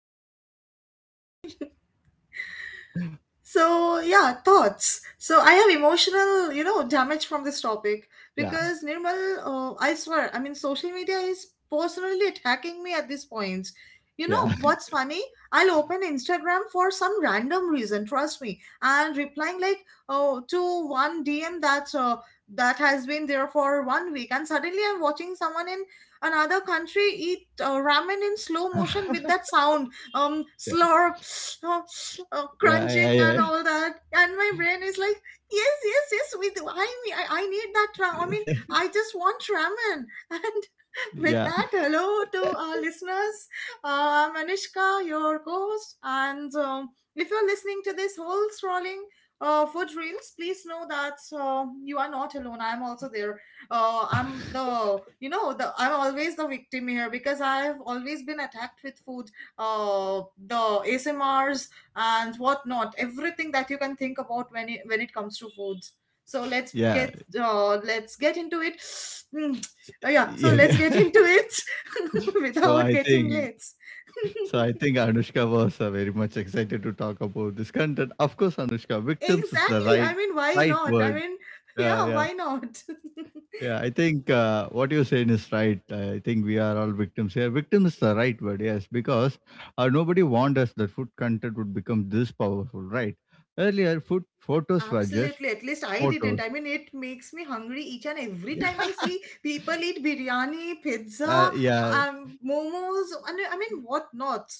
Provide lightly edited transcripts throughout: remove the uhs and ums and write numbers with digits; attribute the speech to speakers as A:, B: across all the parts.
A: this topic.
B: So yeah, thoughts. So I have emotional, damage from this topic
A: Yeah,
B: because Nirmal, I swear. I mean, social media is personally attacking me at this point. You know
A: yeah,
B: what's funny? I'll open Instagram for some random reason, trust me, and replying like, oh, to one DM that has been there for one week, and suddenly I'm watching someone in another country eat ramen in slow motion with that sound,
A: yeah,
B: slurp, uh,
A: yeah,
B: crunching and
A: yeah,
B: all that, and my brain is like, yes, yes, yes, we do. I need that ra- I mean I just want ramen. And with
A: yeah,
B: that, hello to our listeners. I'm Anishka, your host. And If you're listening to this whole scrolling food reels, please know that you are not alone. I'm also there. I'm the, I'm always the victim here because I've always been attacked with food, uh, the ASMRs and whatnot, everything that you can think about when it comes to foods. So let's
A: yeah.
B: get uh, let's get into it. Mm, yeah, so
A: Yeah,
B: let's get
A: yeah.
B: into it,
A: So
B: without
A: I
B: getting
A: think
B: late.
A: so I think Anushka was very much excited to talk about this content. Of course, Anushka, victims is the
B: Exactly.
A: right
B: I mean, why
A: right
B: not? I
A: word.
B: mean,
A: Yeah,
B: yeah,
A: yeah,
B: why not?
A: yeah. I think what you're saying is right. I think we are all victims here. Victim is the right word, yes, because nobody warned us that food content would become this powerful, right? Earlier, food photos were just
B: Absolutely. At least I didn't.
A: photos.
B: I mean, it makes me hungry each and every time I see people eat biryani,
A: Yeah,
B: pizza,
A: yeah,
B: momos, and I mean, what not?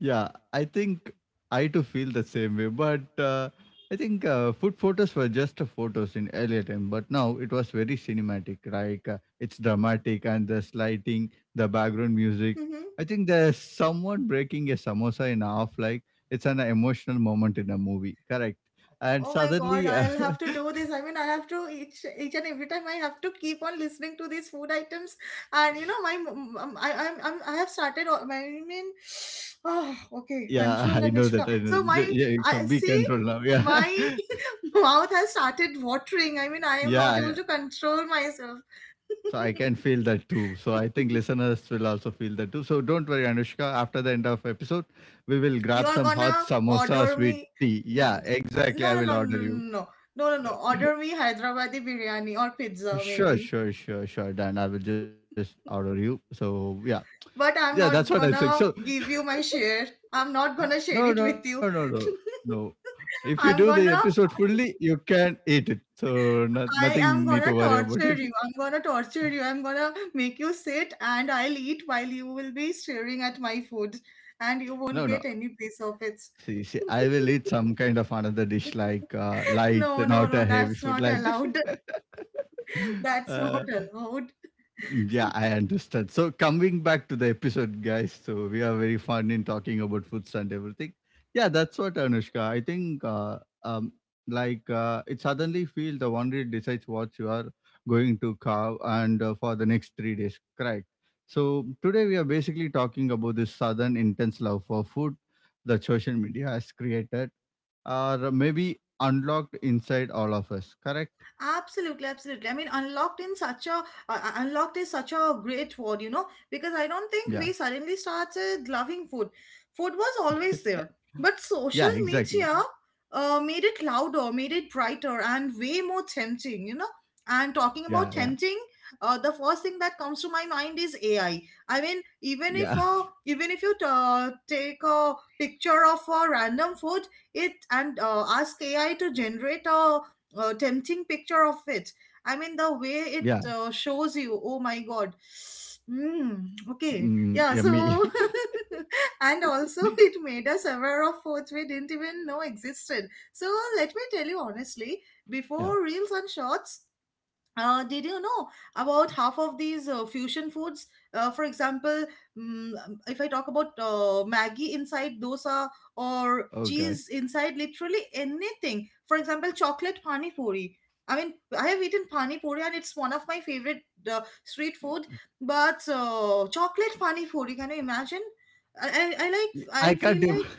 A: Yeah, I think I too feel the same way. But I think food photos were just photos in earlier time, but now it was very cinematic. Like it's dramatic and the lighting, the background music.
B: Mm-hmm.
A: I think there's someone breaking a samosa in half. Like it's an emotional moment in a movie. Correct. And
B: Oh my god,
A: suddenly,
B: I'll have to do this. I mean, I have to each and every time I have to keep on listening to these food items. And you know my m- m- I I'm I have started all- my I mean oh, okay,
A: yeah,
B: control,
A: I know
B: Anushka.
A: that. I know.
B: So my
A: Yeah, it
B: I
A: should be
B: see
A: controlled now. Yeah.
B: my mouth has started watering. I mean, I am not able
A: Yeah,
B: to control myself.
A: so I can feel that too. So I think listeners will also feel that too. So don't worry, Anushka. After the end of episode, we will grab
B: You're
A: some hot
B: gonna order
A: samosas with
B: me.
A: tea. Yeah,
B: N-
A: exactly.
B: no
A: I
B: no
A: will
B: no
A: order
B: no no
A: you.
B: no no no no order me Hyderabadi biryani or pizza
A: Sure,
B: maybe.
A: sure, sure, sure. Dan, I will just order you. So yeah, yeah,
B: But
A: that's
B: I'm
A: what I'm
B: not
A: saying. So
B: gonna give you my share. I'm not gonna
A: no,
B: share
A: no,
B: it
A: no,
B: with
A: no,
B: you.
A: no. If you do the
B: I'm
A: episode
B: gonna
A: fully, you can eat it. So no,
B: I
A: nothing need
B: am
A: to
B: gonna
A: worry about it.
B: torture you. I'm gonna torture you. I'm gonna make you sit and I'll eat while you will be staring at my food, and you won't
A: No, no.
B: get any piece of it.
A: See, I will eat some kind of another dish like light,
B: No, no,
A: not
B: no,
A: a heavy
B: that's
A: food
B: not
A: like this.
B: allowed. That's not
A: Uh,
B: allowed.
A: yeah, I understand. So coming back to the episode, guys. So we are very fun in talking about foods and everything. Yeah, that's what Anushka. I think like it suddenly feel the one decides what you are going to carve and for the next three days. Correct. So today we are basically talking about this sudden intense love for food that social media has created, or maybe unlocked inside all of us. Correct?
B: Absolutely, absolutely. I mean, unlocked in such a unlocked is such a great word, you know, because I
A: Yeah.
B: don't think we suddenly started loving food. Food was always there, but
A: Yeah.
B: social
A: Exactly.
B: media made it louder, made it brighter, and way more tempting, you know.
A: Yeah,
B: And
A: yeah,
B: talking about tempting, the first thing that comes to my mind is AI. I mean,
A: yeah,
B: even if you take a picture of a random food, it and ask AI to generate a tempting picture of it. I mean, the
A: yeah.
B: way it shows you, oh my god.
A: Mm,
B: Okay,
A: yummy.
B: yeah, so and also it made us aware of foods we didn't even know existed. So, let me tell you honestly,
A: yeah.
B: before Reels and Shorts, did you know about half of these fusion foods? For example, if I talk about Maggi inside dosa,
A: Oh
B: or
A: god.
B: cheese inside literally anything. For example, chocolate pani puri. I mean, I have eaten pani puri and it's one of my favorite street food. But chocolate pani puri, can you imagine? I, I, I like. I
A: I can't
B: feel
A: even.
B: like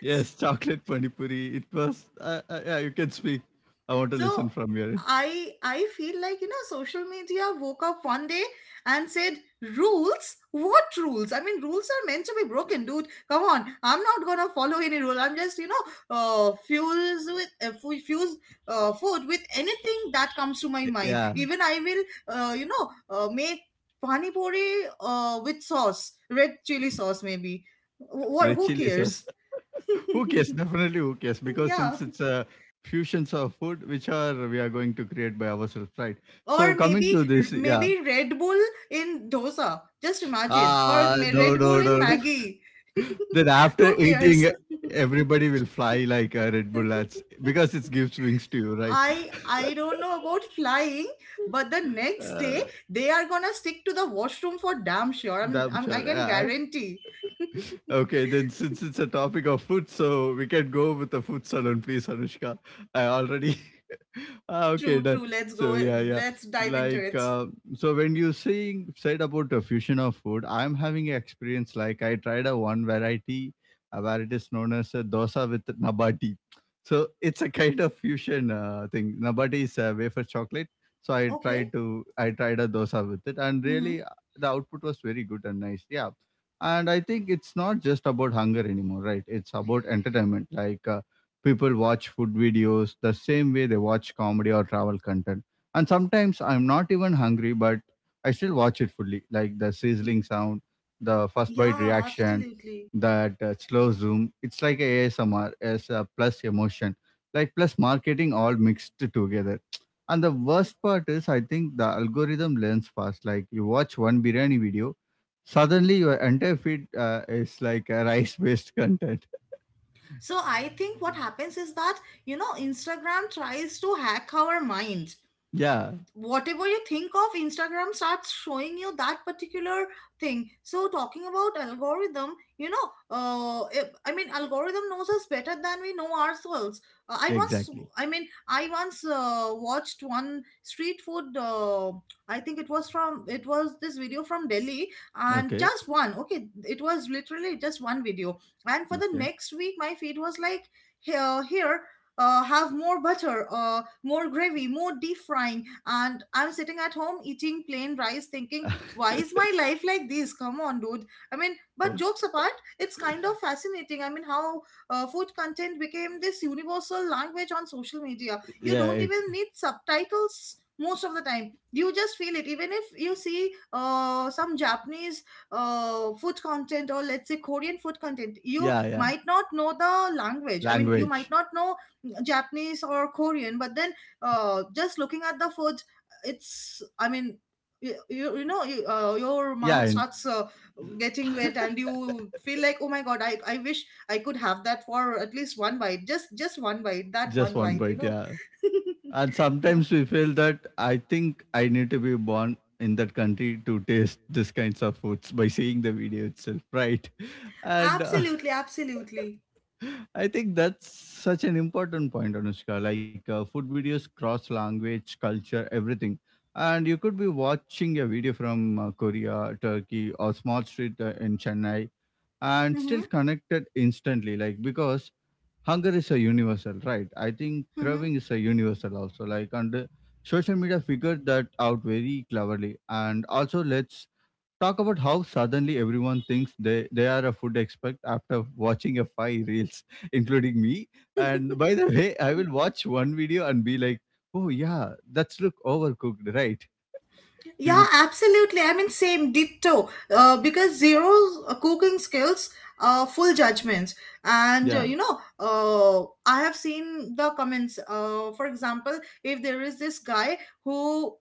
A: Yes, chocolate pani puri. It was. Yeah, you can speak. I want to
B: So
A: listen from your.
B: I feel like, you know, social media woke up one day and said, rules, what rules? I mean, rules are meant to be broken, dude, come on. I'm not gonna follow any rule. I'm just, you know, fuse fuse food with anything that comes to my mind.
A: Yeah,
B: Even I will, you know, make pani puri with sauce, red chili sauce maybe. What,
A: red
B: who
A: chili sauce.
B: cares?
A: Who cares? Definitely, who cares? Because
B: Yeah.
A: since it's a fusions of food, which are we are going to create by ourselves, right? So
B: Or
A: coming
B: maybe
A: to this, yeah.
B: Red Bull in dosa. Just imagine.
A: Ah, no,
B: Red Bull
A: no, no,
B: in
A: no.
B: Maggie.
A: Then after
B: Who cares?
A: eating, everybody will fly like a Red Bull ads because it gives wings to you, right?
B: I don't know about flying, but the next day
A: Uh,
B: they are gonna stick to the washroom for damn sure. I'm,
A: Damn
B: I'm I
A: sure.
B: can
A: Yeah. I-
B: guarantee.
A: Okay, then since it's a topic of food, so we can go with the food salon, please, Anushka. I already Ah,
B: True,
A: okay, done.
B: true. Let's
A: So
B: go.
A: yeah, yeah.
B: Let's dive into
A: Like
B: it.
A: so, when you saying said about the fusion of food, I'm having an experience. Like I tried a one variety, where it is known as a dosa with nabati. So it's a kind of fusion thing. Nabati is a wafer chocolate. So I
B: Okay.
A: tried to I tried a dosa with it, and
B: Mm-hmm.
A: really the output was very good and nice. Yeah, and I think it's not just about hunger anymore, right? It's about entertainment. People watch food videos the same way they watch comedy or travel content, and sometimes I'm not even hungry, but I still watch it fully, like the sizzling sound, the first bite
B: Yeah,
A: reaction,
B: absolutely.
A: that slow zoom. It's like a asmr as a plus emotion, like plus marketing all mixed together. And the worst part is I think the algorithm learns fast. Like you watch one biryani video, suddenly your entire feed is like a rice based content.
B: So I think what happens is that, you know, Instagram tries to hack our mind.
A: Yeah,
B: Whatever you think of, Instagram starts showing you that particular thing. So talking about algorithm, you know, I mean, algorithm knows us better than we know ourselves. uh, i once
A: exactly.
B: i mean, I once watched one street food, I think it was from, it was this video from Delhi, and
A: Okay,
B: just one, okay, it was literally just one video. And for the
A: okay.
B: next week my feed was like, here, have more butter, more gravy, more deep frying. And I'm sitting at home eating plain rice thinking, why is my life like this? Come on, dude, I mean. But
A: Oh,
B: jokes apart, it's kind of fascinating. I mean, how food content became this universal language on social media. You
A: yeah,
B: don't
A: eh,
B: even need subtitles most of the time, you just feel it. Even if you see some Japanese food content, or let's say Korean food content, you
A: yeah, yeah.
B: might not know the language. I mean, you might
A: Language.
B: not know Japanese or Korean, but then, just looking at the food, it's, I mean, you know, your
A: Yeah,
B: mouth
A: and
B: starts getting wet and you feel like, oh my God, I wish I could have that for at least one bite, just one bite, that
A: just
B: one
A: one
B: bite, you
A: bite.
B: know.
A: Yeah. And
B: Yeah,
A: sometimes we feel that I think I need to be born in that country to taste this kinds of foods by seeing the video itself, right? And
B: absolutely, absolutely.
A: I think that's such an important point, Anushka. Like food videos cross language, culture, everything. And you could be watching a video from Korea, Turkey, or small street in Chennai and still
B: Mm-hmm,
A: connected instantly, like because hunger is a universal, right? I think
B: mm-hmm.
A: craving is a universal also, like. And social media figured that out very cleverly. And also let's talk about how suddenly everyone thinks they are a food expert after watching a five reels, including me. And by the way, I will watch one video and be like, oh yeah, that's look overcooked, right?
B: Yeah, absolutely. I mean, same ditto. Because zero cooking skills, full judgments,
A: yeah,
B: and you know, I have seen the comments. For example, if there is this guy who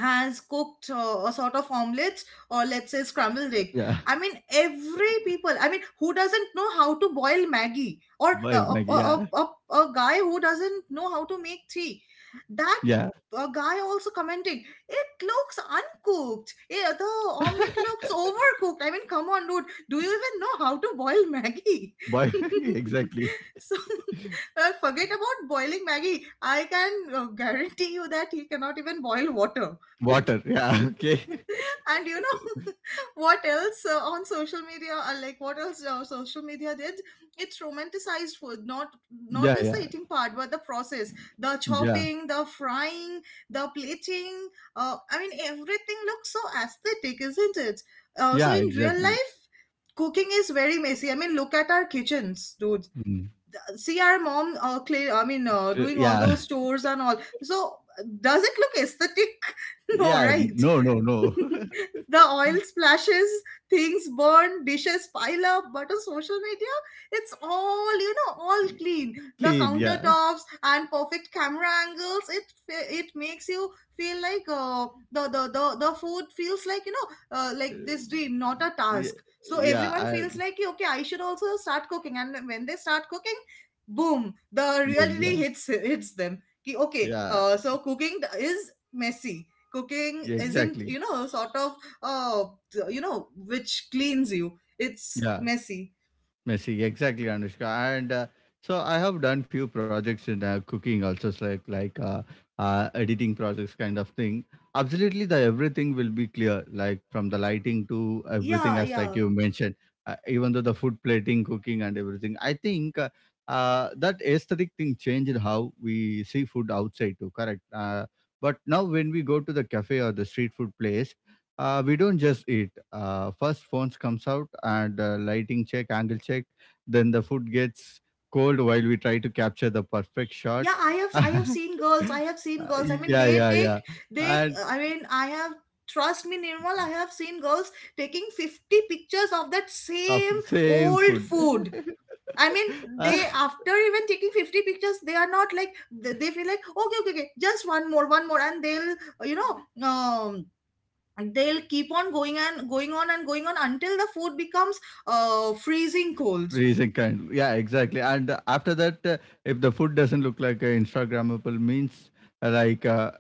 B: has cooked a sort of omelets, or let's say
A: yeah,
B: scrambled egg. I mean, every people, I mean, who doesn't know how to boil Maggie, or
A: boiled maggie, yeah,
B: a guy who doesn't know how to make tea, that
A: yeah,
B: guy also commenting, it looks uncooked, yeah, the omelette looks overcooked. I mean, come on, dude, do you even know how to boil Maggie?
A: boy, exactly.
B: So forget about boiling Maggie, I can guarantee you that he cannot even boil water.
A: Water. Yeah. Okay.
B: And you know, what else on social media, what else social media did, it's romanticized food, not
A: Yeah.
B: just
A: Yeah.
B: the eating part, but the process, the
A: Yeah.
B: chopping, the frying, the plating. I mean, everything looks so aesthetic, isn't it? So
A: Yeah.
B: in real
A: Exactly.
B: life, cooking is very messy. I mean, look at our kitchens, dude.
A: Mm.
B: See our mom, I mean,
A: So,
B: doing all
A: Yeah.
B: those chores and all. So does it look aesthetic? No,
A: Yeah.
B: right?
A: No. No. No.
B: The oil splashes, things burn, dishes pile up, but on social media, it's all, you know, all clean. The
A: Clean. Yeah.
B: countertops and perfect camera angles, it makes you feel like the food feels like, you know, like this dream, not a
A: Yeah.
B: task. So
A: Yeah.
B: everyone feels
A: I,
B: like, okay, I should also start cooking. And when they start cooking, boom, the
A: boom.
B: reality
A: Yeah.
B: hits them. Ki, okay,
A: Yeah.
B: so cooking is messy, cooking
A: Yeah.
B: isn't,
A: Exactly.
B: you know, sort of, uh which cleans you, it's
A: Yeah.
B: messy.
A: Messy, exactly, Anushka. And so I have done few projects in cooking, also it's like editing projects, kind of thing. Absolutely, the everything will be clear, like from the lighting to everything,
B: Yeah,
A: as like
B: yeah,
A: you mentioned. Even though the food plating, cooking, and everything, I think that aesthetic thing changed how we see food outside too. Correct. But now when we go to the cafe or the street food place, we don't just eat. First, phones comes out and lighting check, angle check. Then the food gets cold while we try to capture the perfect shot.
B: yeah, I have seen girls. i have seen girls i mean,
A: Yeah,
B: they
A: yeah,
B: take,
A: yeah.
B: they
A: And
B: I mean I have, trust me, Nirmal, I have seen girls taking 50 pictures of that same
A: of same
B: old food.
A: food.
B: I mean, they, after even taking 50 pictures, they are not like, they feel like, okay, okay, okay, just one more, and they'll, you know, and they'll keep on going and going on until the food becomes freezing cold.
A: Freezing kind. Yeah, exactly. And after that, if the food doesn't look like Instagrammable, means uh, like uh,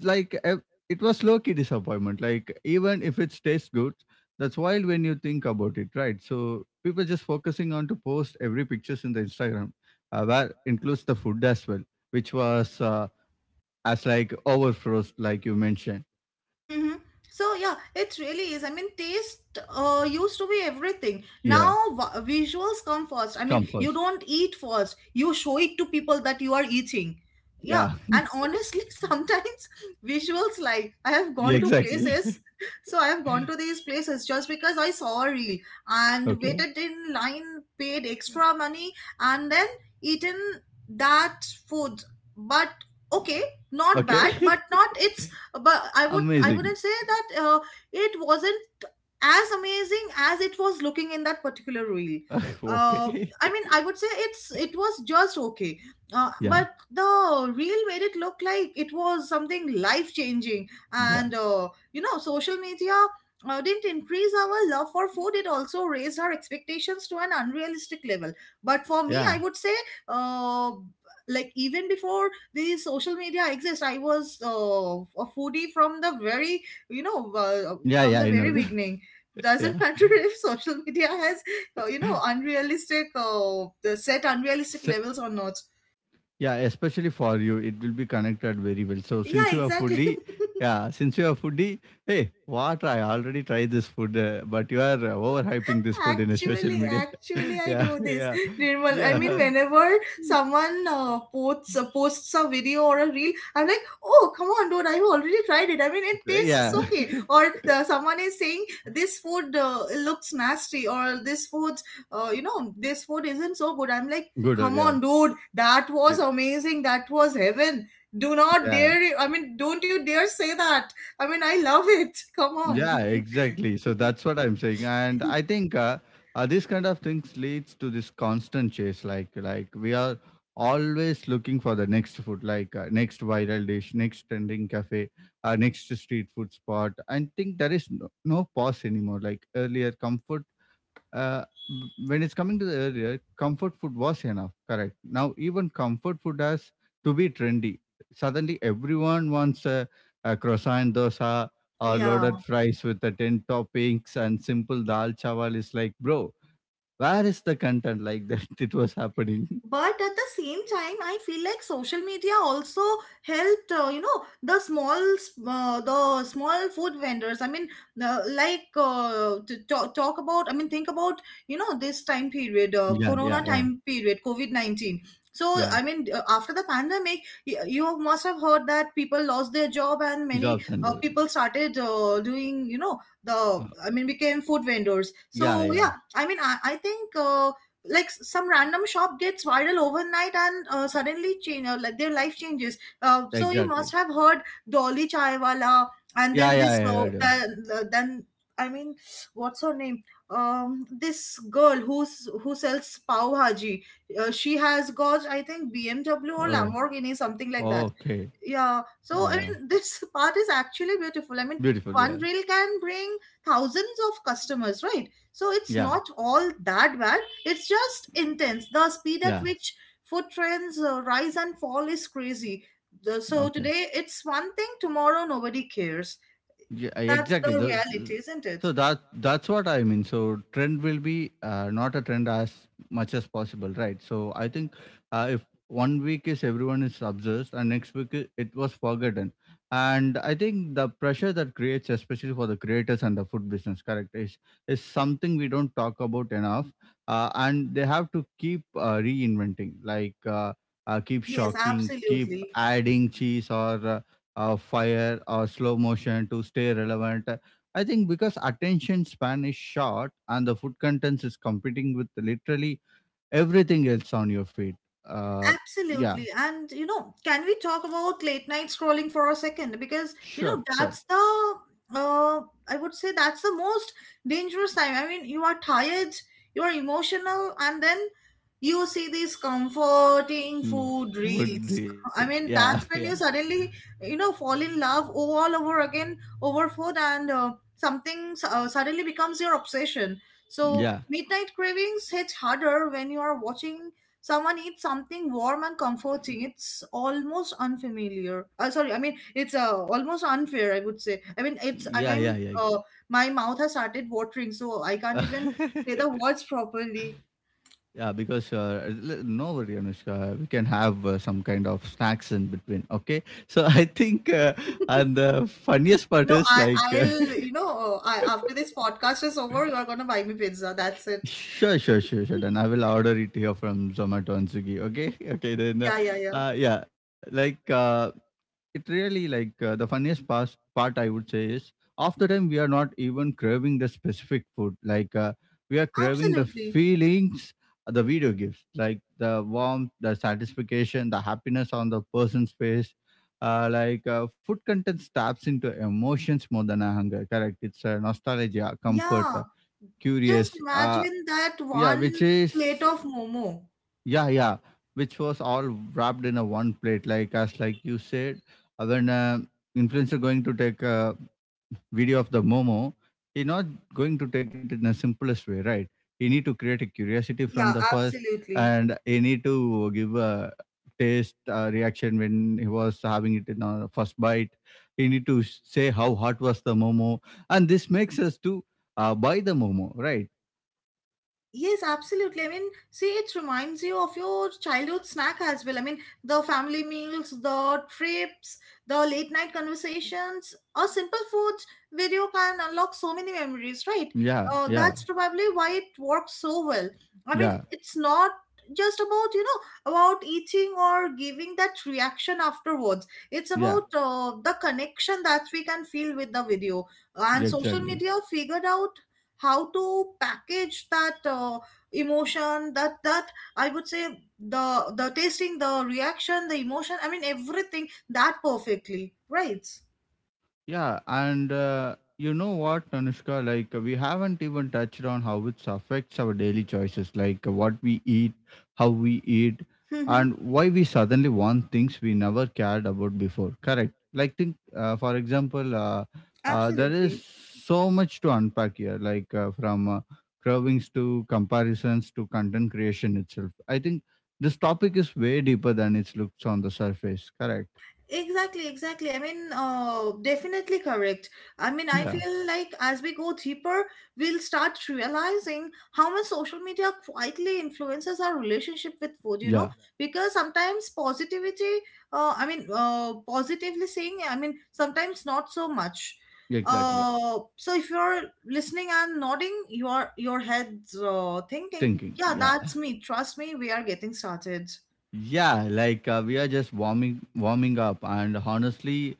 A: like uh, it was low key disappointment. Like even if it tastes good, that's wild when you think about it, right? So people just focusing on to post every pictures in the Instagram, where includes the food as well, which was as like overfrost, like you mentioned.
B: Mm-hmm. So yeah, it really is. I mean, taste used to be everything.
A: Yeah,
B: Now visuals come first. I mean,
A: come
B: you
A: first.
B: don't eat first, you show it to people that you are eating. Yeah,
A: Yeah,
B: and honestly, sometimes visuals like I have
A: yeah,
B: gone to
A: exactly.
B: places. So I have gone to these places just because I saw a reel, and
A: Okay,
B: waited in line, paid extra money, and then eaten that food. But okay, not
A: okay,
B: bad, but not it's but I would I
A: amazing.
B: wouldn't say that it wasn't as amazing as it was looking in that particular reel. uh,
A: okay,
B: I mean, I would say it was just okay.
A: yeah.
B: But the reel made it look like it was something life changing.
A: Yeah,
B: And social media didn't increase our love for food, it also raised our expectations to an unrealistic level. But for me, I
A: yeah,
B: would say uh, like even before the social media exists, I was a foodie from the very
A: yeah,
B: from
A: yeah.
B: the
A: I
B: very
A: know.
B: beginning. Doesn't
A: yeah,
B: matter if social media has unrealistic the set unrealistic
A: so,
B: levels or not.
A: yeah. Especially for you, it will be connected very well. So
B: Yeah,
A: since you are
B: exactly.
A: foodie, yeah, since you are foodie, hey, what? I already tried this food, but you are overhyping this food in a social
B: Actually,
A: media.
B: I
A: yeah,
B: do this,
A: yeah,
B: Nirmal. I mean,
A: yeah,
B: whenever someone posts a video or a reel, I'm like, oh, come on, dude, I've already tried it. I mean, it tastes
A: yeah.
B: okay. Or someone is saying this food looks nasty, or this food, this food isn't so good. I'm like,
A: Good.
B: come
A: Yeah,
B: on, dude, that was
A: It-
B: amazing. That was heaven. Do not
A: yeah.
B: dare. I mean, don't you dare say that. I mean, I love it. Come on.
A: Yeah, exactly. So that's what I'm saying, and I think this kind of things leads to this constant chase. Like we are always looking for the next food, like next viral dish, next trending cafe, next street food spot. I think there is no, no pause anymore. Like earlier, comfort when it's coming to the earlier, comfort food was enough, correct? Now, even comfort food has to be trendy. Suddenly, everyone wants a croissant dosa or
B: Yeah,
A: loaded fries with the 10 toppings and simple dal chawal is like, bro, where is the content like that? It was happening.
B: but at the same time I feel like social media also helped, the small the small food vendors. I mean, like to talk about, I mean think about, you know, this time period,
A: Yeah,
B: corona
A: yeah, yeah,
B: time period, covid-19. So
A: yeah.
B: I mean, after the pandemic, you must have heard that people lost their job, and many
A: Jobs and
B: people started doing, you know, the
A: uh,
B: I mean became food vendors.
A: yeah,
B: So
A: yeah,
B: yeah, I mean, I think like some random shop gets viral overnight and suddenly change, like their life changes. So you must
A: exactly.
B: have heard dolly chaiwala, and
A: Yeah,
B: then
A: yeah,
B: this
A: yeah, I heard him.
B: the, then I mean what's her name, this girl who sells pav bhaji. She has got, I think, bmw or
A: Oh,
B: lamborghini, something like that.
A: okay.
B: Yeah. So I
A: Yeah,
B: mean, this part is actually beautiful. I mean,
A: beautiful.
B: one
A: Yeah,
B: reel can bring thousands of customers, right? So it's
A: yeah,
B: not all that bad. It's just intense. The speed at
A: yeah.
B: which food trends rise and fall is crazy. So
A: Okay.
B: today it's one thing, tomorrow nobody cares.
A: Yeah, I-
B: That's
A: exactly.
B: the
A: Those-
B: reality, isn't it?
A: So that that's what I mean. So trend will be not a trend as much as possible, right? So I think if one week is everyone is obsessed and next week I- it was forgotten, and I think the pressure that creates, especially for the creators and the food business, correct, is something we don't talk about enough, and they have to keep reinventing, like. Keep
B: Yes,
A: shocking, keep
B: absolutely.
A: adding cheese or uh, fire or slow motion to stay relevant. I think because attention span is short and the food contents is competing with literally everything else on your feed. Uh, yeah,
B: Absolutely. And, you know, can we talk about late night scrolling for a second? Because, you
A: sure,
B: know,
A: sure.
B: that's the, I would say that's the most dangerous time. I mean, you are tired, you are emotional, and then you see these comforting
A: Mm,
B: food
A: Food,
B: reels.
A: re-
B: I
A: yeah,
B: mean,
A: yeah,
B: that's when you suddenly, you know, fall in love all over again over food, and something suddenly becomes your obsession. So
A: yeah,
B: midnight cravings hit harder when you are watching someone eats something warm and comforting. It's almost unfamiliar, sorry, I mean it's almost unfair, I would say. I mean
A: yeah, yeah,
B: my mouth has started watering, so I
A: yeah.
B: can't even say the words properly.
A: yeah, because no worry, Anushka, we can have some kind of snacks in between. Okay, so I think, and the funniest part
B: no i
A: is like.
B: i'll you know uh, I, after this podcast is over, you're gonna buy me pizza, that's it.
A: Sure, sure, sure, sure. Then I will order it here from Zomato and Swiggy. Okay, okay. Then,
B: Yeah,
A: yeah, like it really, like the funniest part. Part I would say is, after time, we are not even craving the specific food. Like we are craving the
B: absolutely.
A: feelings the video gives, like the warmth, the satisfaction, the happiness on the person's face. Like food content taps into emotions more than a hunger. Correct. It's a nostalgia, comfort,
B: Yeah, just
A: curious. Uh,
B: imagine that
A: yeah,
B: one
A: which
B: plate
A: is
B: of momo.
A: yeah, yeah, which was all wrapped in a one plate. Like, as like you said, when influencer going to take a video of the Momo, he not going to take it in the simplest way, right? He need to create a curiosity from
B: Yeah,
A: the first,
B: absolutely.
A: and he need to give a taste reaction when he was having it in a first bite. He need to say how hot was the Momo, and this makes us to buy the Momo, right?
B: Yes, absolutely. I mean, see, it reminds you of your childhood snack as well. I mean, the family meals, the trips, the late night conversations, a simple food video can unlock so many memories, right?
A: Yeah, yeah,
B: That's probably why it works so well. I mean,
A: yeah,
B: it's not just about, you know, about eating or giving that reaction afterwards. It's
A: yeah,
B: about the connection that we can feel with the video. And
A: yeah,
B: social
A: exactly.
B: media figured out how to package that emotion, that I would say the tasting, the reaction, the emotion, I mean everything, that perfectly, right?
A: Yeah, and you know what, Anushka? Like, we haven't even touched on how it affects our daily choices, like what we eat, how we eat,
B: Mm-hmm.
A: and why we suddenly want things we never cared about before. Correct. Like, think, for example, there
B: Absolutely.
A: is so much to unpack here, like from cravings to comparisons to content creation itself. I think this topic is way deeper than it looks on the surface. Correct.
B: Exactly, exactly. I mean, definitely correct. I mean, I
A: Yeah.
B: feel like as we go deeper, we'll start realizing how much social media quietly influences our relationship with food, you know,
A: Yeah.
B: because sometimes positivity, I mean, positively saying, I mean, sometimes not so much.
A: Exactly.
B: So if you're listening and nodding your head's, thinking,
A: Thinking,
B: yeah,
A: yeah,
B: that's me. Trust me, we are getting started.
A: yeah, like we are just warming up, and honestly,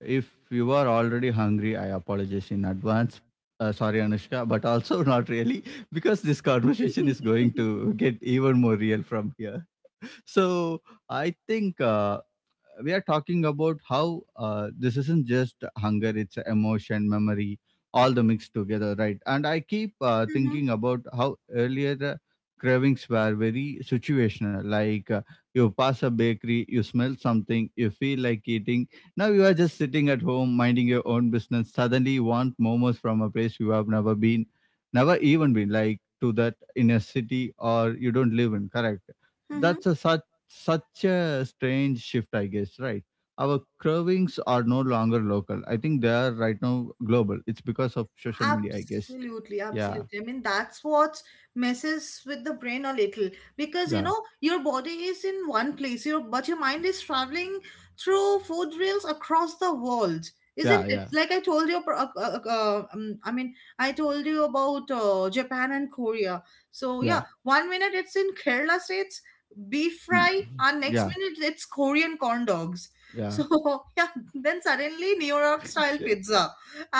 A: if you are already hungry, I apologize in advance. Sorry, Anushka, but also not really, because this conversation is going to get even more real from here. So I think we are talking about how this isn't just hunger, it's a emotion memory all the mixed together, right? And I keep
B: Mm-hmm,
A: thinking about how earlier cravings were very situational. Like you pass a bakery, you smell something, you feel like eating. Now you are just sitting at home minding your own business, suddenly you want momos from a place you have never even been, like, to that, in a city or you don't live in. Correct.
B: mm-hmm.
A: That's a such a strange shift, I guess, right? Our cravings are no longer local. I think they are right now global. It's because of social media, I guess.
B: Absolutely,
A: Yeah,
B: absolutely. I mean, that's what messes with the brain a little, because you
A: yeah,
B: know your body is in one place, your but your mind is traveling through food reels across the world,
A: yeah,
B: isn't it?
A: yeah,
B: Like I told you, I mean, I told you about Japan and Korea. So yeah,
A: yeah,
B: one minute it's in Kerala states beef
A: mm,
B: fry, and next
A: yeah,
B: minute it's Korean corn dogs.
A: yeah.
B: So yeah, then suddenly New York style pizza,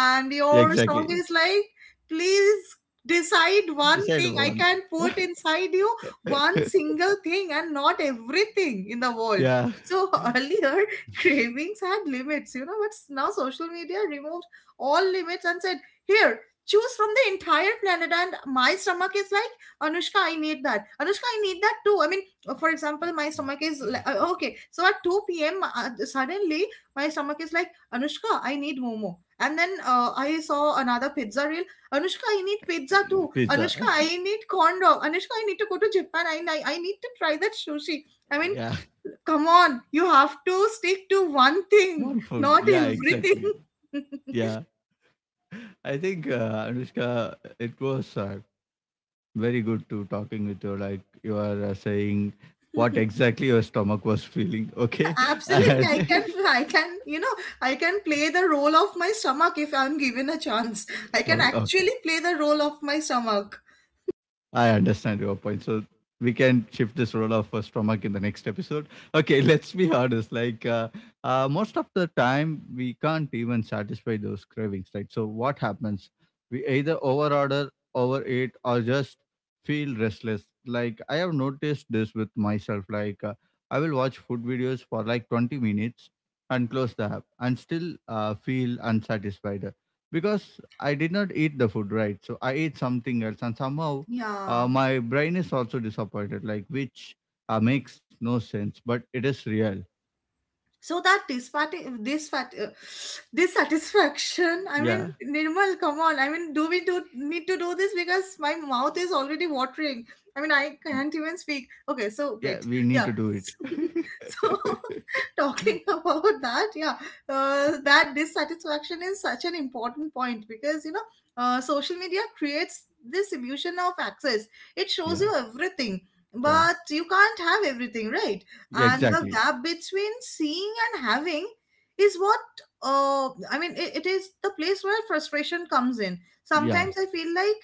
A: Yeah,
B: your
A: exactly.
B: song is like, please decide one
A: Decide
B: thing
A: one.
B: I can put inside you, one single thing and not everything in the world.
A: Yeah,
B: So earlier cravings had limits, you know, but now social media removed all limits and said, here, choose from the entire planet, and my stomach is like, Anushka, I need that, Anushka, I need that too. I mean, for example, my stomach is okay, so at 2 p.m. Suddenly my stomach is like, Anushka, I need momo. And then I saw another pizza reel. Anushka, I need pizza too.
A: pizza.
B: Anushka, I need corn dog. Anushka, I need to go to Japan. I need to try that sushi. I mean,
A: Yeah,
B: come on. You have to stick to one thing,
A: one food.
B: not
A: Yeah,
B: everything.
A: exactly. Yeah, I think Anushka, it was very good to talking with you, like you are saying what exactly your stomach was feeling, okay?
B: Absolutely,
A: And,
B: I can, you know, I can play the role of my stomach if I'm given a chance. I can
A: okay,
B: actually play the role of my stomach.
A: I understand your point. So we can shift this role of stomach in the next episode. Okay, let's be honest. Like, most of the time, we can't even satisfy those cravings, right? So what happens? We either overorder, overeat, or just feel restless. Like, I have noticed this with myself. Like I will watch food videos for like 20 minutes and close the app and still feel unsatisfied, because I did not eat the food, right? So I ate something else, and somehow
B: Yeah.
A: my brain is also disappointed, like, which makes no sense, but it is real.
B: So that dissatisfaction, I
A: Yeah,
B: mean, Nirmal, come on, I mean, do need to do this, because my mouth is already watering. I mean I can't even speak, okay, so
A: yeah,
B: wait.
A: we need
B: Yeah.
A: to do it.
B: So talking about that, yeah, that dissatisfaction is such an important point, because you know social media creates this illusion of access. It shows
A: Yeah,
B: you everything,
A: yeah,
B: but you can't have everything, right?
A: yeah,
B: And the
A: exactly.
B: gap between seeing and having is what, it is the place where frustration comes in.
A: Yeah,
B: Sometimes I feel like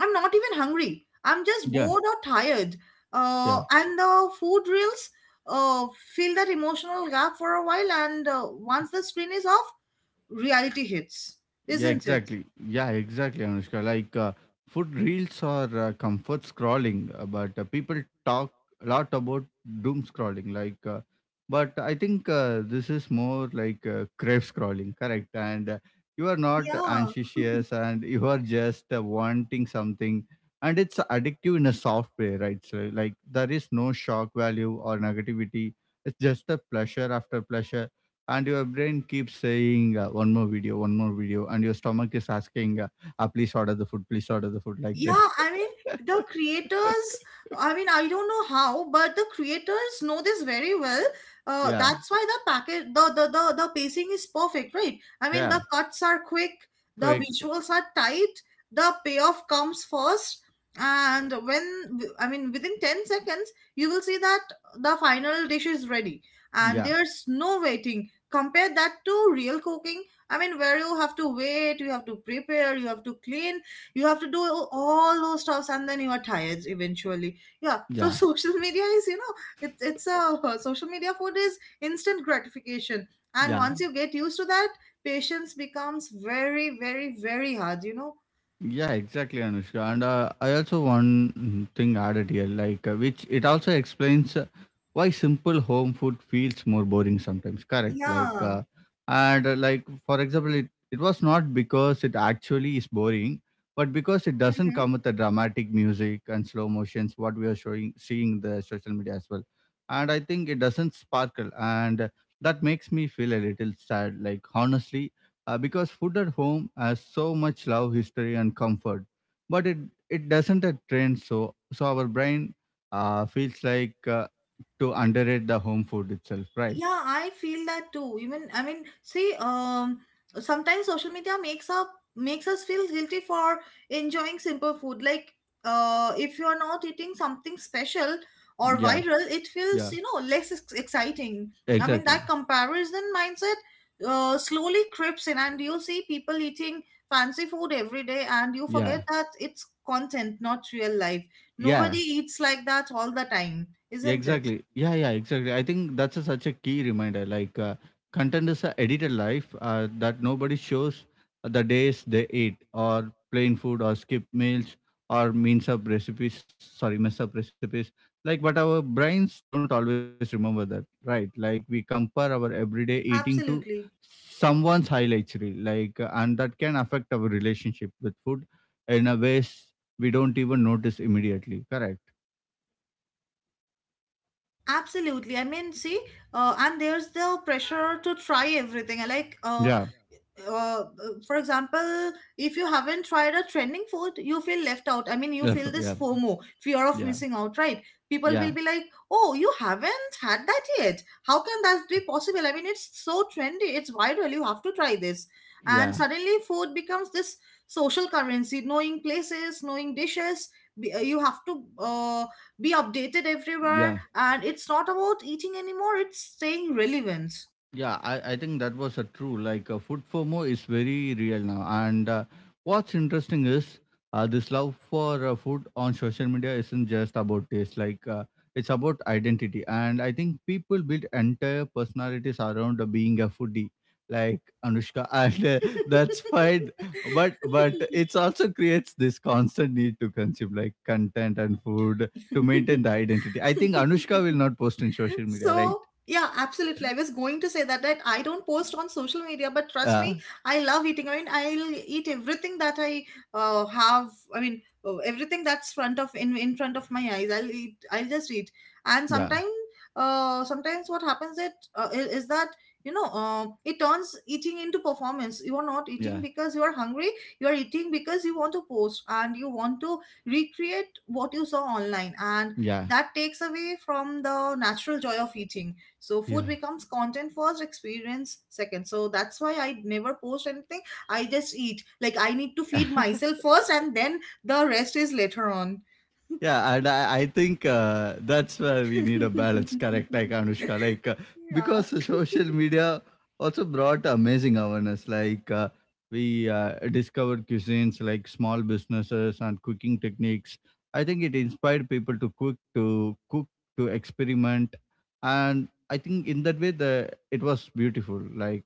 B: I'm not even hungry, I'm just
A: yeah,
B: bored or tired,
A: yeah.
B: and the food reels uh, fill that emotional gap for a while, and once the screen is off, reality hits,
A: Yeah,
B: isn't it?
A: exactly. Yeah, exactly, Anushka. Like food reels or comfort scrolling, but people talk a lot about doom scrolling. Like, but I think this is more like crave scrolling, correct? And you are not
B: Yeah.
A: anxious, and you are just wanting something, and it's addictive in a soft way, right? So, like, there is no shock value or negativity. It's just a pleasure after pleasure, and your brain keeps saying one more video, one more video, and your stomach is asking, "Ah, please order the food, please order the food," like that.
B: Yeah, I mean, the creators, I mean, I don't know how, but the creators know this very well.
A: Yeah,
B: That's why the package, the pacing is perfect, right? I mean,
A: yeah,
B: the cuts are quick, the
A: quick,
B: visuals are tight, the payoff comes first, and when, I mean, within 10 seconds, you will see that the final dish is ready, and
A: yeah,
B: there's no waiting. Compare that to real cooking. I mean, where you have to wait, you have to prepare, you have to clean, you have to do all those stuffs, and then you are tired eventually. Yeah. So
A: yeah,
B: social media is, you know, it's a social media food is instant gratification, and
A: yeah.
B: once you get used to that, patience becomes very, very, very hard, you know.
A: Yeah, exactly, Anushka. And I also one thing added here, like, which it also explains why simple home food feels more boring sometimes. Correct. Like,
B: Yeah.
A: and like, for example, it was not because it actually is boring, but because it doesn't come with the dramatic music and slow motions what we are showing seeing in the social media as well. And I think it doesn't sparkle, and that makes me feel a little sad. Like, honestly, because food at home has so much love, history, and comfort, but it doesn't a trend. So our brain feels like to underrate the home food itself, right?
B: Yeah, I feel that too. Even I mean, see, sometimes social media makes us feel guilty for enjoying simple food. Like, if you are not eating something special or
A: Yeah,
B: viral, it feels,
A: yeah,
B: you know, less exciting. I mean, that
A: exactly.
B: comparison mindset slowly creeps in, and you see people eating fancy food every day, and you
A: Yeah,
B: forget that it's content, not real life. Nobody
A: yeah.
B: eats like that all the time,
A: Yeah,
B: isn't it?
A: exactly. Yeah, yeah, exactly. I think that's a, such a key reminder. Like, content is a edited life that nobody shows the days they eat or plain food or skip meals or means up recipes. Sorry, mess up recipes. Like, but our brains don't always remember that, right? Like, we compare our everyday eating to
B: Absolutely.
A: someone's highlights reel, like, and that can affect our relationship with food in a ways we don't even notice immediately. Correct.
B: Absolutely. I mean, see, and there's the pressure to try everything. I Like,
A: Yeah.
B: uh, for example, if you haven't tried a trending food, you feel left out. I mean, you
A: Yeah.
B: feel this
A: Yeah.
B: FOMO, fear of
A: Yeah.
B: missing out, right? People will
A: Yeah,
B: be like, "Oh, you haven't had that yet. How can that be possible? I mean, it's so trendy. It's viral. You have to try this." And
A: yeah.
B: suddenly, food becomes this social currency. Knowing places, knowing dishes, you have to be updated everywhere.
A: Yeah.
B: And it's not about eating anymore. It's staying relevant.
A: Yeah, I think that was a true. Like food FOMO is very real now. And what's interesting is this love for food on social media isn't just about taste. Like it's about identity. And I think people build entire personalities around being a foodie, like Anushka. And that's fine. But it's also creates this constant need to consume, like, content and food to maintain the identity. I think Anushka will not post in social media, right?
B: So, yeah, absolutely. I was going to say that I don't post on social media, but trust me,
A: Yeah,
B: I love eating. I mean, I'll eat everything that I have. I mean, everything that's front of in front of my eyes. I'll eat. I'll just eat. And
A: yeah,
B: sometimes, sometimes what happens, is that, you know, it turns eating into performance. You are not eating
A: yeah,
B: because you are hungry. You are eating because you want to post and you want to recreate what you saw online. And
A: yeah,
B: that takes away from the natural joy of eating. So
A: yeah.
B: food becomes content first, experience second. So that's why I never post anything. I just eat, like I need to feed myself first, and then the rest is later on.
A: Yeah, and I think that's where we need a balance, correct? Like, Anushka, like,
B: Yeah,
A: because the social media also brought amazing awareness. Like, we discovered cuisines, like, small businesses and cooking techniques. I think it inspired people to cook, to experiment, and I think in that way the it was beautiful. Like,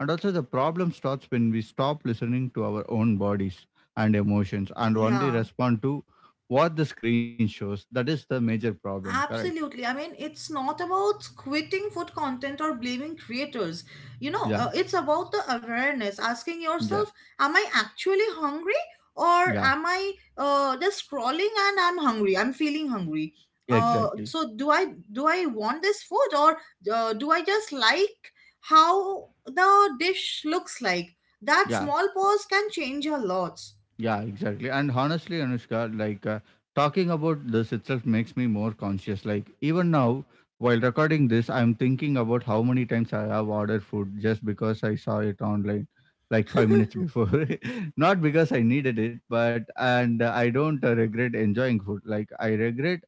A: and also, the problem starts when we stop listening to our own bodies and emotions and only
B: yeah
A: respond to what the screen shows. That is the major problem, correct?
B: absolutely. I mean, it's not about quitting food content or blaming creators. You know,
A: Yeah,
B: it's about the awareness, asking
A: yeah,
B: yourself, am I actually hungry or
A: yeah,
B: am I just scrolling and I'm hungry? I'm feeling hungry. Uh,
A: exactly.
B: so do I want this food, or do I just like how the dish looks like? That
A: Yeah.
B: small pause can change a lot.
A: Yeah, exactly. And honestly, Anushka, like, talking about this itself makes me more conscious. Like, even now, while recording this, I'm thinking about how many times I have ordered food just because I saw it online, like, 5 minutes before. Not because I needed it, but and I don't regret enjoying food. Like, I regret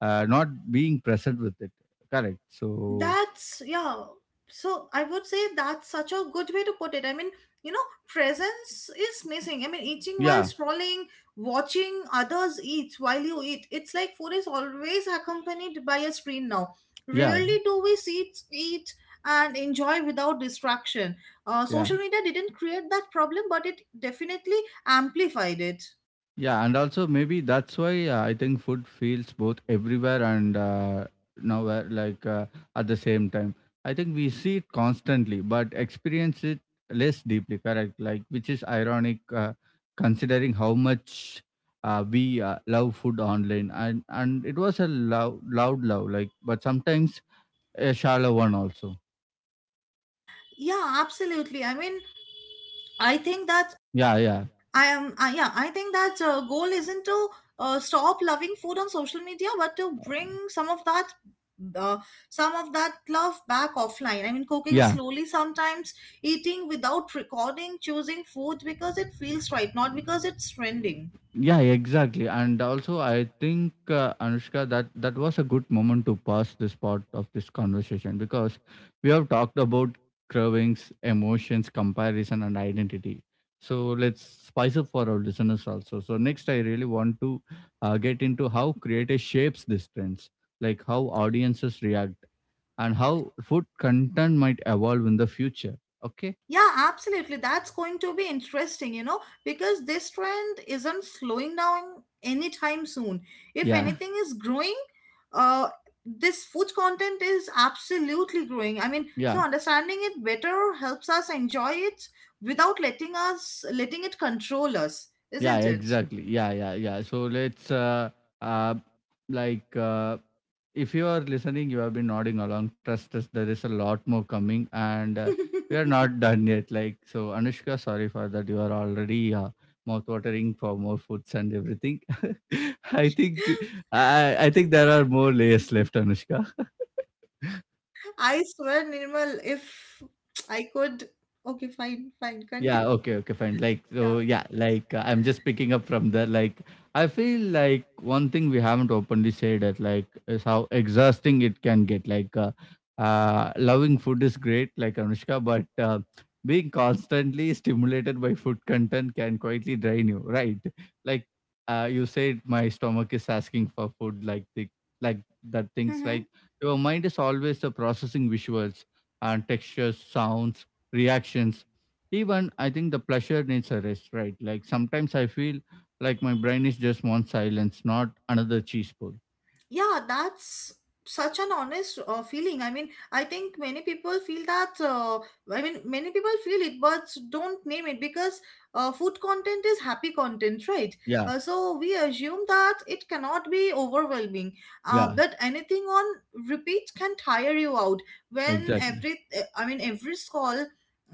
A: not being present with it. Correct. So
B: That's, yeah. So I would say that's such a good way to put it. I mean, you know, presence is missing. I mean, eating while
A: yeah,
B: scrolling, watching others eat while you eat. It's like food is always accompanied by a screen now.
A: yeah,
B: Rarely do we sit, eat, and enjoy without distraction.
A: yeah.
B: Social media didn't create that problem, but it definitely amplified it.
A: Yeah, and also, maybe that's why I think food feels both everywhere and nowhere, like, at the same time. I think we see it constantly, but experience it less deeply. Correct, like, which is ironic, considering how much we love food online, and it was a loud, loud love, like, but sometimes a shallow one also.
B: Yeah, absolutely. I mean, I think that
A: Yeah, yeah,
B: I am, I, yeah, I think that goal isn't to stop loving food on social media, but to bring some of that, uh, some of that love back offline. I mean, cooking
A: yeah.
B: slowly sometimes, eating without recording, choosing food because it feels right, not because it's trending.
A: Yeah, exactly. And also, I think Anushka, that was a good moment to pass this part of this conversation, because we have talked about cravings, emotions, comparison, and identity. So let's spice up for our listeners also. So next, I really want to get into how creator shapes these trends, like, how audiences react and how food content might evolve in the future. Okay.
B: Yeah, absolutely. That's going to be interesting, you know, because this trend isn't slowing down anytime soon. If
A: Yeah.
B: anything is growing, uh, this food content is absolutely growing. I mean, so
A: Yeah,
B: understanding it better helps us enjoy it without letting it control us,
A: yeah,
B: isn't it?
A: exactly. Yeah, yeah, yeah. So let's uh like, if you are listening, you have been nodding along. Trust us, there is a lot more coming, and we are not done yet. Like, so, Anushka, sorry for that. You are already mouth-watering for more foods and everything. I think I think there are more layers left, Anushka.
B: I swear, Nirmal, if I could. Okay, fine, fine. Continue.
A: Yeah, okay, okay, fine. Like,
B: Yeah.
A: so yeah, like, I'm just picking up from that. Like, I feel like one thing we haven't openly said that, like, is how exhausting it can get. Like, loving food is great, like, Anushka, but being constantly stimulated by food content can quietly drain you, right? Like, you said my stomach is asking for food, like the like that, things like your mind is always the processing visuals and textures, sounds, reactions. Even, I think the pleasure needs a rest, right? Like, sometimes I feel like my brain is just one silence, not another cheese pull.
B: Yeah, that's such an honest feeling. I mean, I think many people feel that I mean many people feel it but don't name it because food content is happy content, right?
A: Yeah,
B: So we assume that it cannot be overwhelming,
A: yeah,
B: but anything on repeat can tire you out. When
A: exactly.
B: every I mean every scroll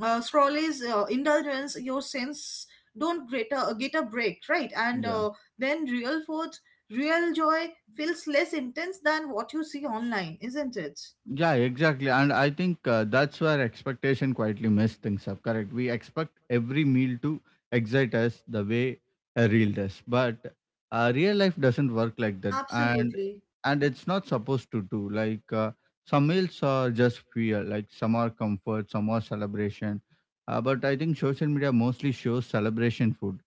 B: uh, scroll is indulgence, your sense don't get a break, right? And then real food real joy feels less intense than what you see online, isn't it?
A: Yeah, exactly. And I think that's where expectation quietly mess things up. Correct. We expect every meal to excite us the way a real does, but real life doesn't work like that. And
B: Absolutely.
A: and it's not supposed to do. Like, some meals are just fuel. Like, some are comfort, some are celebration. But I think social media mostly shows celebration food,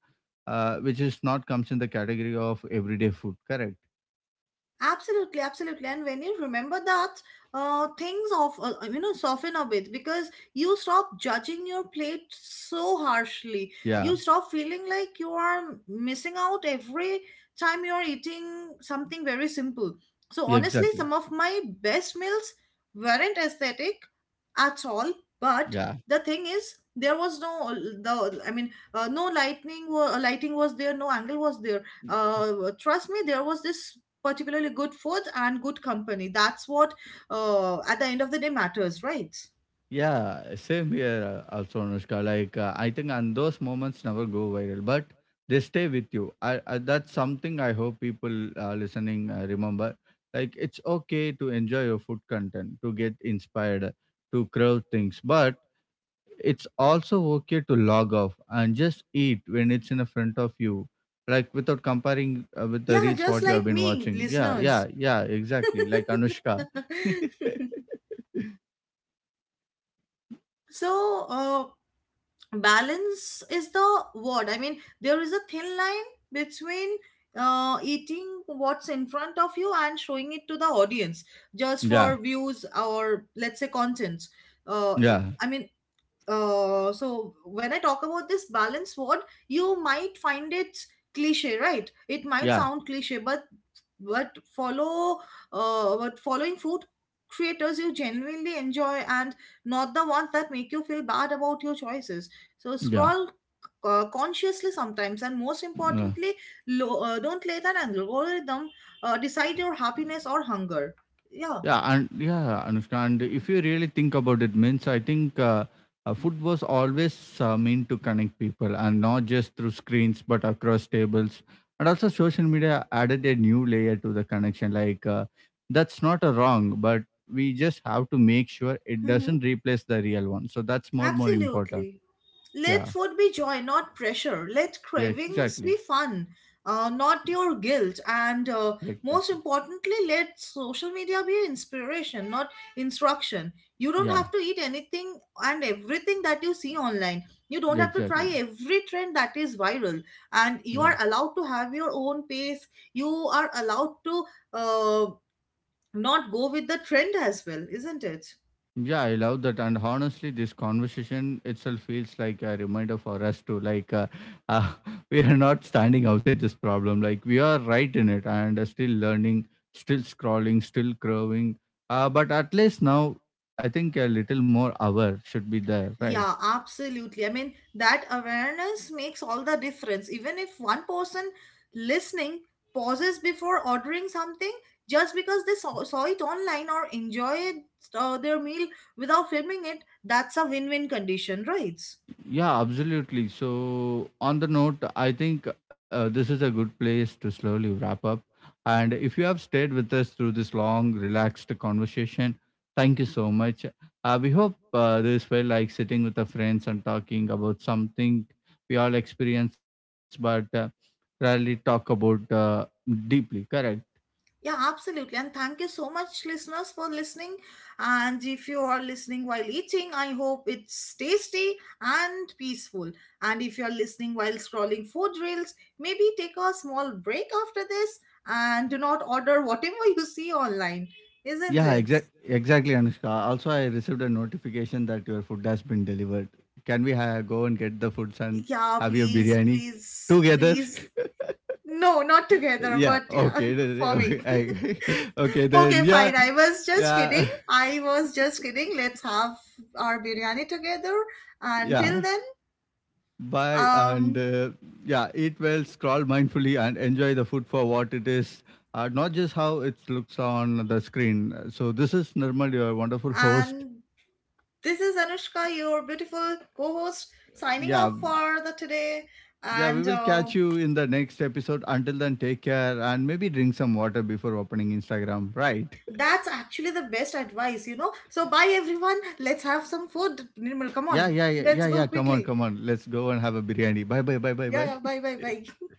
A: which is not comes in the category of everyday food. Correct.
B: And when you remember that, things of you know soften a bit because you stop judging your plate so harshly.
A: Yeah.
B: You stop feeling like you are missing out every time you're eating something very simple. So honestly, some
A: Exactly.
B: of my best meals weren't aesthetic at all, but
A: Yeah.
B: the thing is, there was no no lighting was there, no angle was there. uh, Trust me, there was this particularly good food and good company. That's what at the end of the day matters, right?
A: Yeah, same here, also Anushka. Like, I think, and those moments never go viral, but they stay with you. I that's something I hope people listening remember. Like, it's okay to enjoy your food content, to get inspired, to crave things, but it's also okay to log off and just eat when it's in front of you, like, without comparing with the
B: Yeah,
A: reels
B: just
A: what you have
B: like
A: been
B: me,
A: watching. Yeah,
B: listeners.
A: yeah, yeah, exactly. Like, Anushka.
B: so uh, Balance is the word. I mean, there is a thin line between eating what's in front of you and showing it to the audience just
A: Yeah,
B: for views, or let's say contents. uh,
A: yeah,
B: i mean so when I talk about this balance word, you might find it cliche, right? It might
A: yeah.
B: sound cliche, but but follow following food creators you genuinely enjoy and not the ones that make you feel bad about your choices. So
A: Yeah,
B: scroll consciously sometimes, and most
A: yeah,
B: importantly, don't let an algorithm decide your happiness or hunger. Yeah,
A: yeah, and yeah, Anushka. And if you really think about it, means, I think, food was always meant to connect people, and not just through screens, but across tables. And also, social media added a new layer to the connection. Like, that's not a wrong, but we just have to make sure it
B: hmm
A: doesn't replace the real one. So that's more important.
B: absolutely. Let
A: Yeah,
B: food be joy, not pressure. Let
A: yeah,
B: cravings
A: exactly.
B: be fun, not your guilt. And
A: Yeah, exactly.
B: most importantly, let social media be inspiration, not instruction. You don't
A: Yeah,
B: have to eat anything and everything that you see online. You don't
A: yeah,
B: have to try
A: exactly.
B: every trend that is viral. And you
A: Yeah.
B: are allowed to have your own pace. You are allowed to uh, not go with the trend as well, isn't it?
A: Yeah, I love that. And honestly, this conversation itself feels like a reminder for us to, like, uh, we are not standing outside this problem. Like, we are right in it, and still learning, still scrolling, still growing. But at least now, I think a little more hour should be there, right?
B: Yeah, absolutely. I mean, that awareness makes all the difference. Even if one person listening pauses before ordering something just because they saw it online, or enjoyed their meal without filming it, that's a win win condition, right?
A: Yeah, absolutely. So, on the note, I think this is a good place to slowly wrap up. And if you have stayed with us through this long, relaxed conversation, thank you so much. We hope this felt like sitting with our friends and talking about something we all experience, but rarely talk about deeply. Correct.
B: Yeah, absolutely. And thank you so much, listeners, for listening. And if you are listening while eating, I hope it's tasty and peaceful. And if you're listening while scrolling food reels, maybe take a small break after this and do not order whatever you see online, isn't
A: Yeah,
B: it?
A: exactly, Anushka. Also, I received a notification that your food has been delivered. Can we go and get the food and
B: Yeah,
A: have your
B: please,
A: biryani
B: please,
A: together?
B: please. No, not together,
A: Yeah.
B: but yeah,
A: Okay.
B: for
A: Okay.
B: me.
A: Okay. Then
B: Okay,
A: yeah,
B: fine. I was just
A: yeah,
B: kidding. I was just kidding. Let's have our biryani together. Until
A: yeah.
B: then,
A: Bye, and
B: um,
A: yeah, eat well, scroll mindfully, and enjoy the food for what it is, not just how it looks on the screen. So this is Nirmal, your wonderful host.
B: and this is Anushka, your beautiful co-host, signing off
A: Yeah,
B: for the today.
A: yeah, we
B: And
A: will catch you in the next episode. Until then, take care, and maybe drink some water before opening Instagram. Right.
B: That's actually the best advice, you know. So bye everyone. Let's have some food. Nirmal, come
A: Yeah,
B: on.
A: yeah, yeah,
B: Let's
A: yeah,
B: go
A: yeah. Come on,
B: quickly.
A: come on. Let's go and have a biryani. Bye, bye, bye, bye,
B: Yeah,
A: bye.
B: yeah. Bye, bye, bye.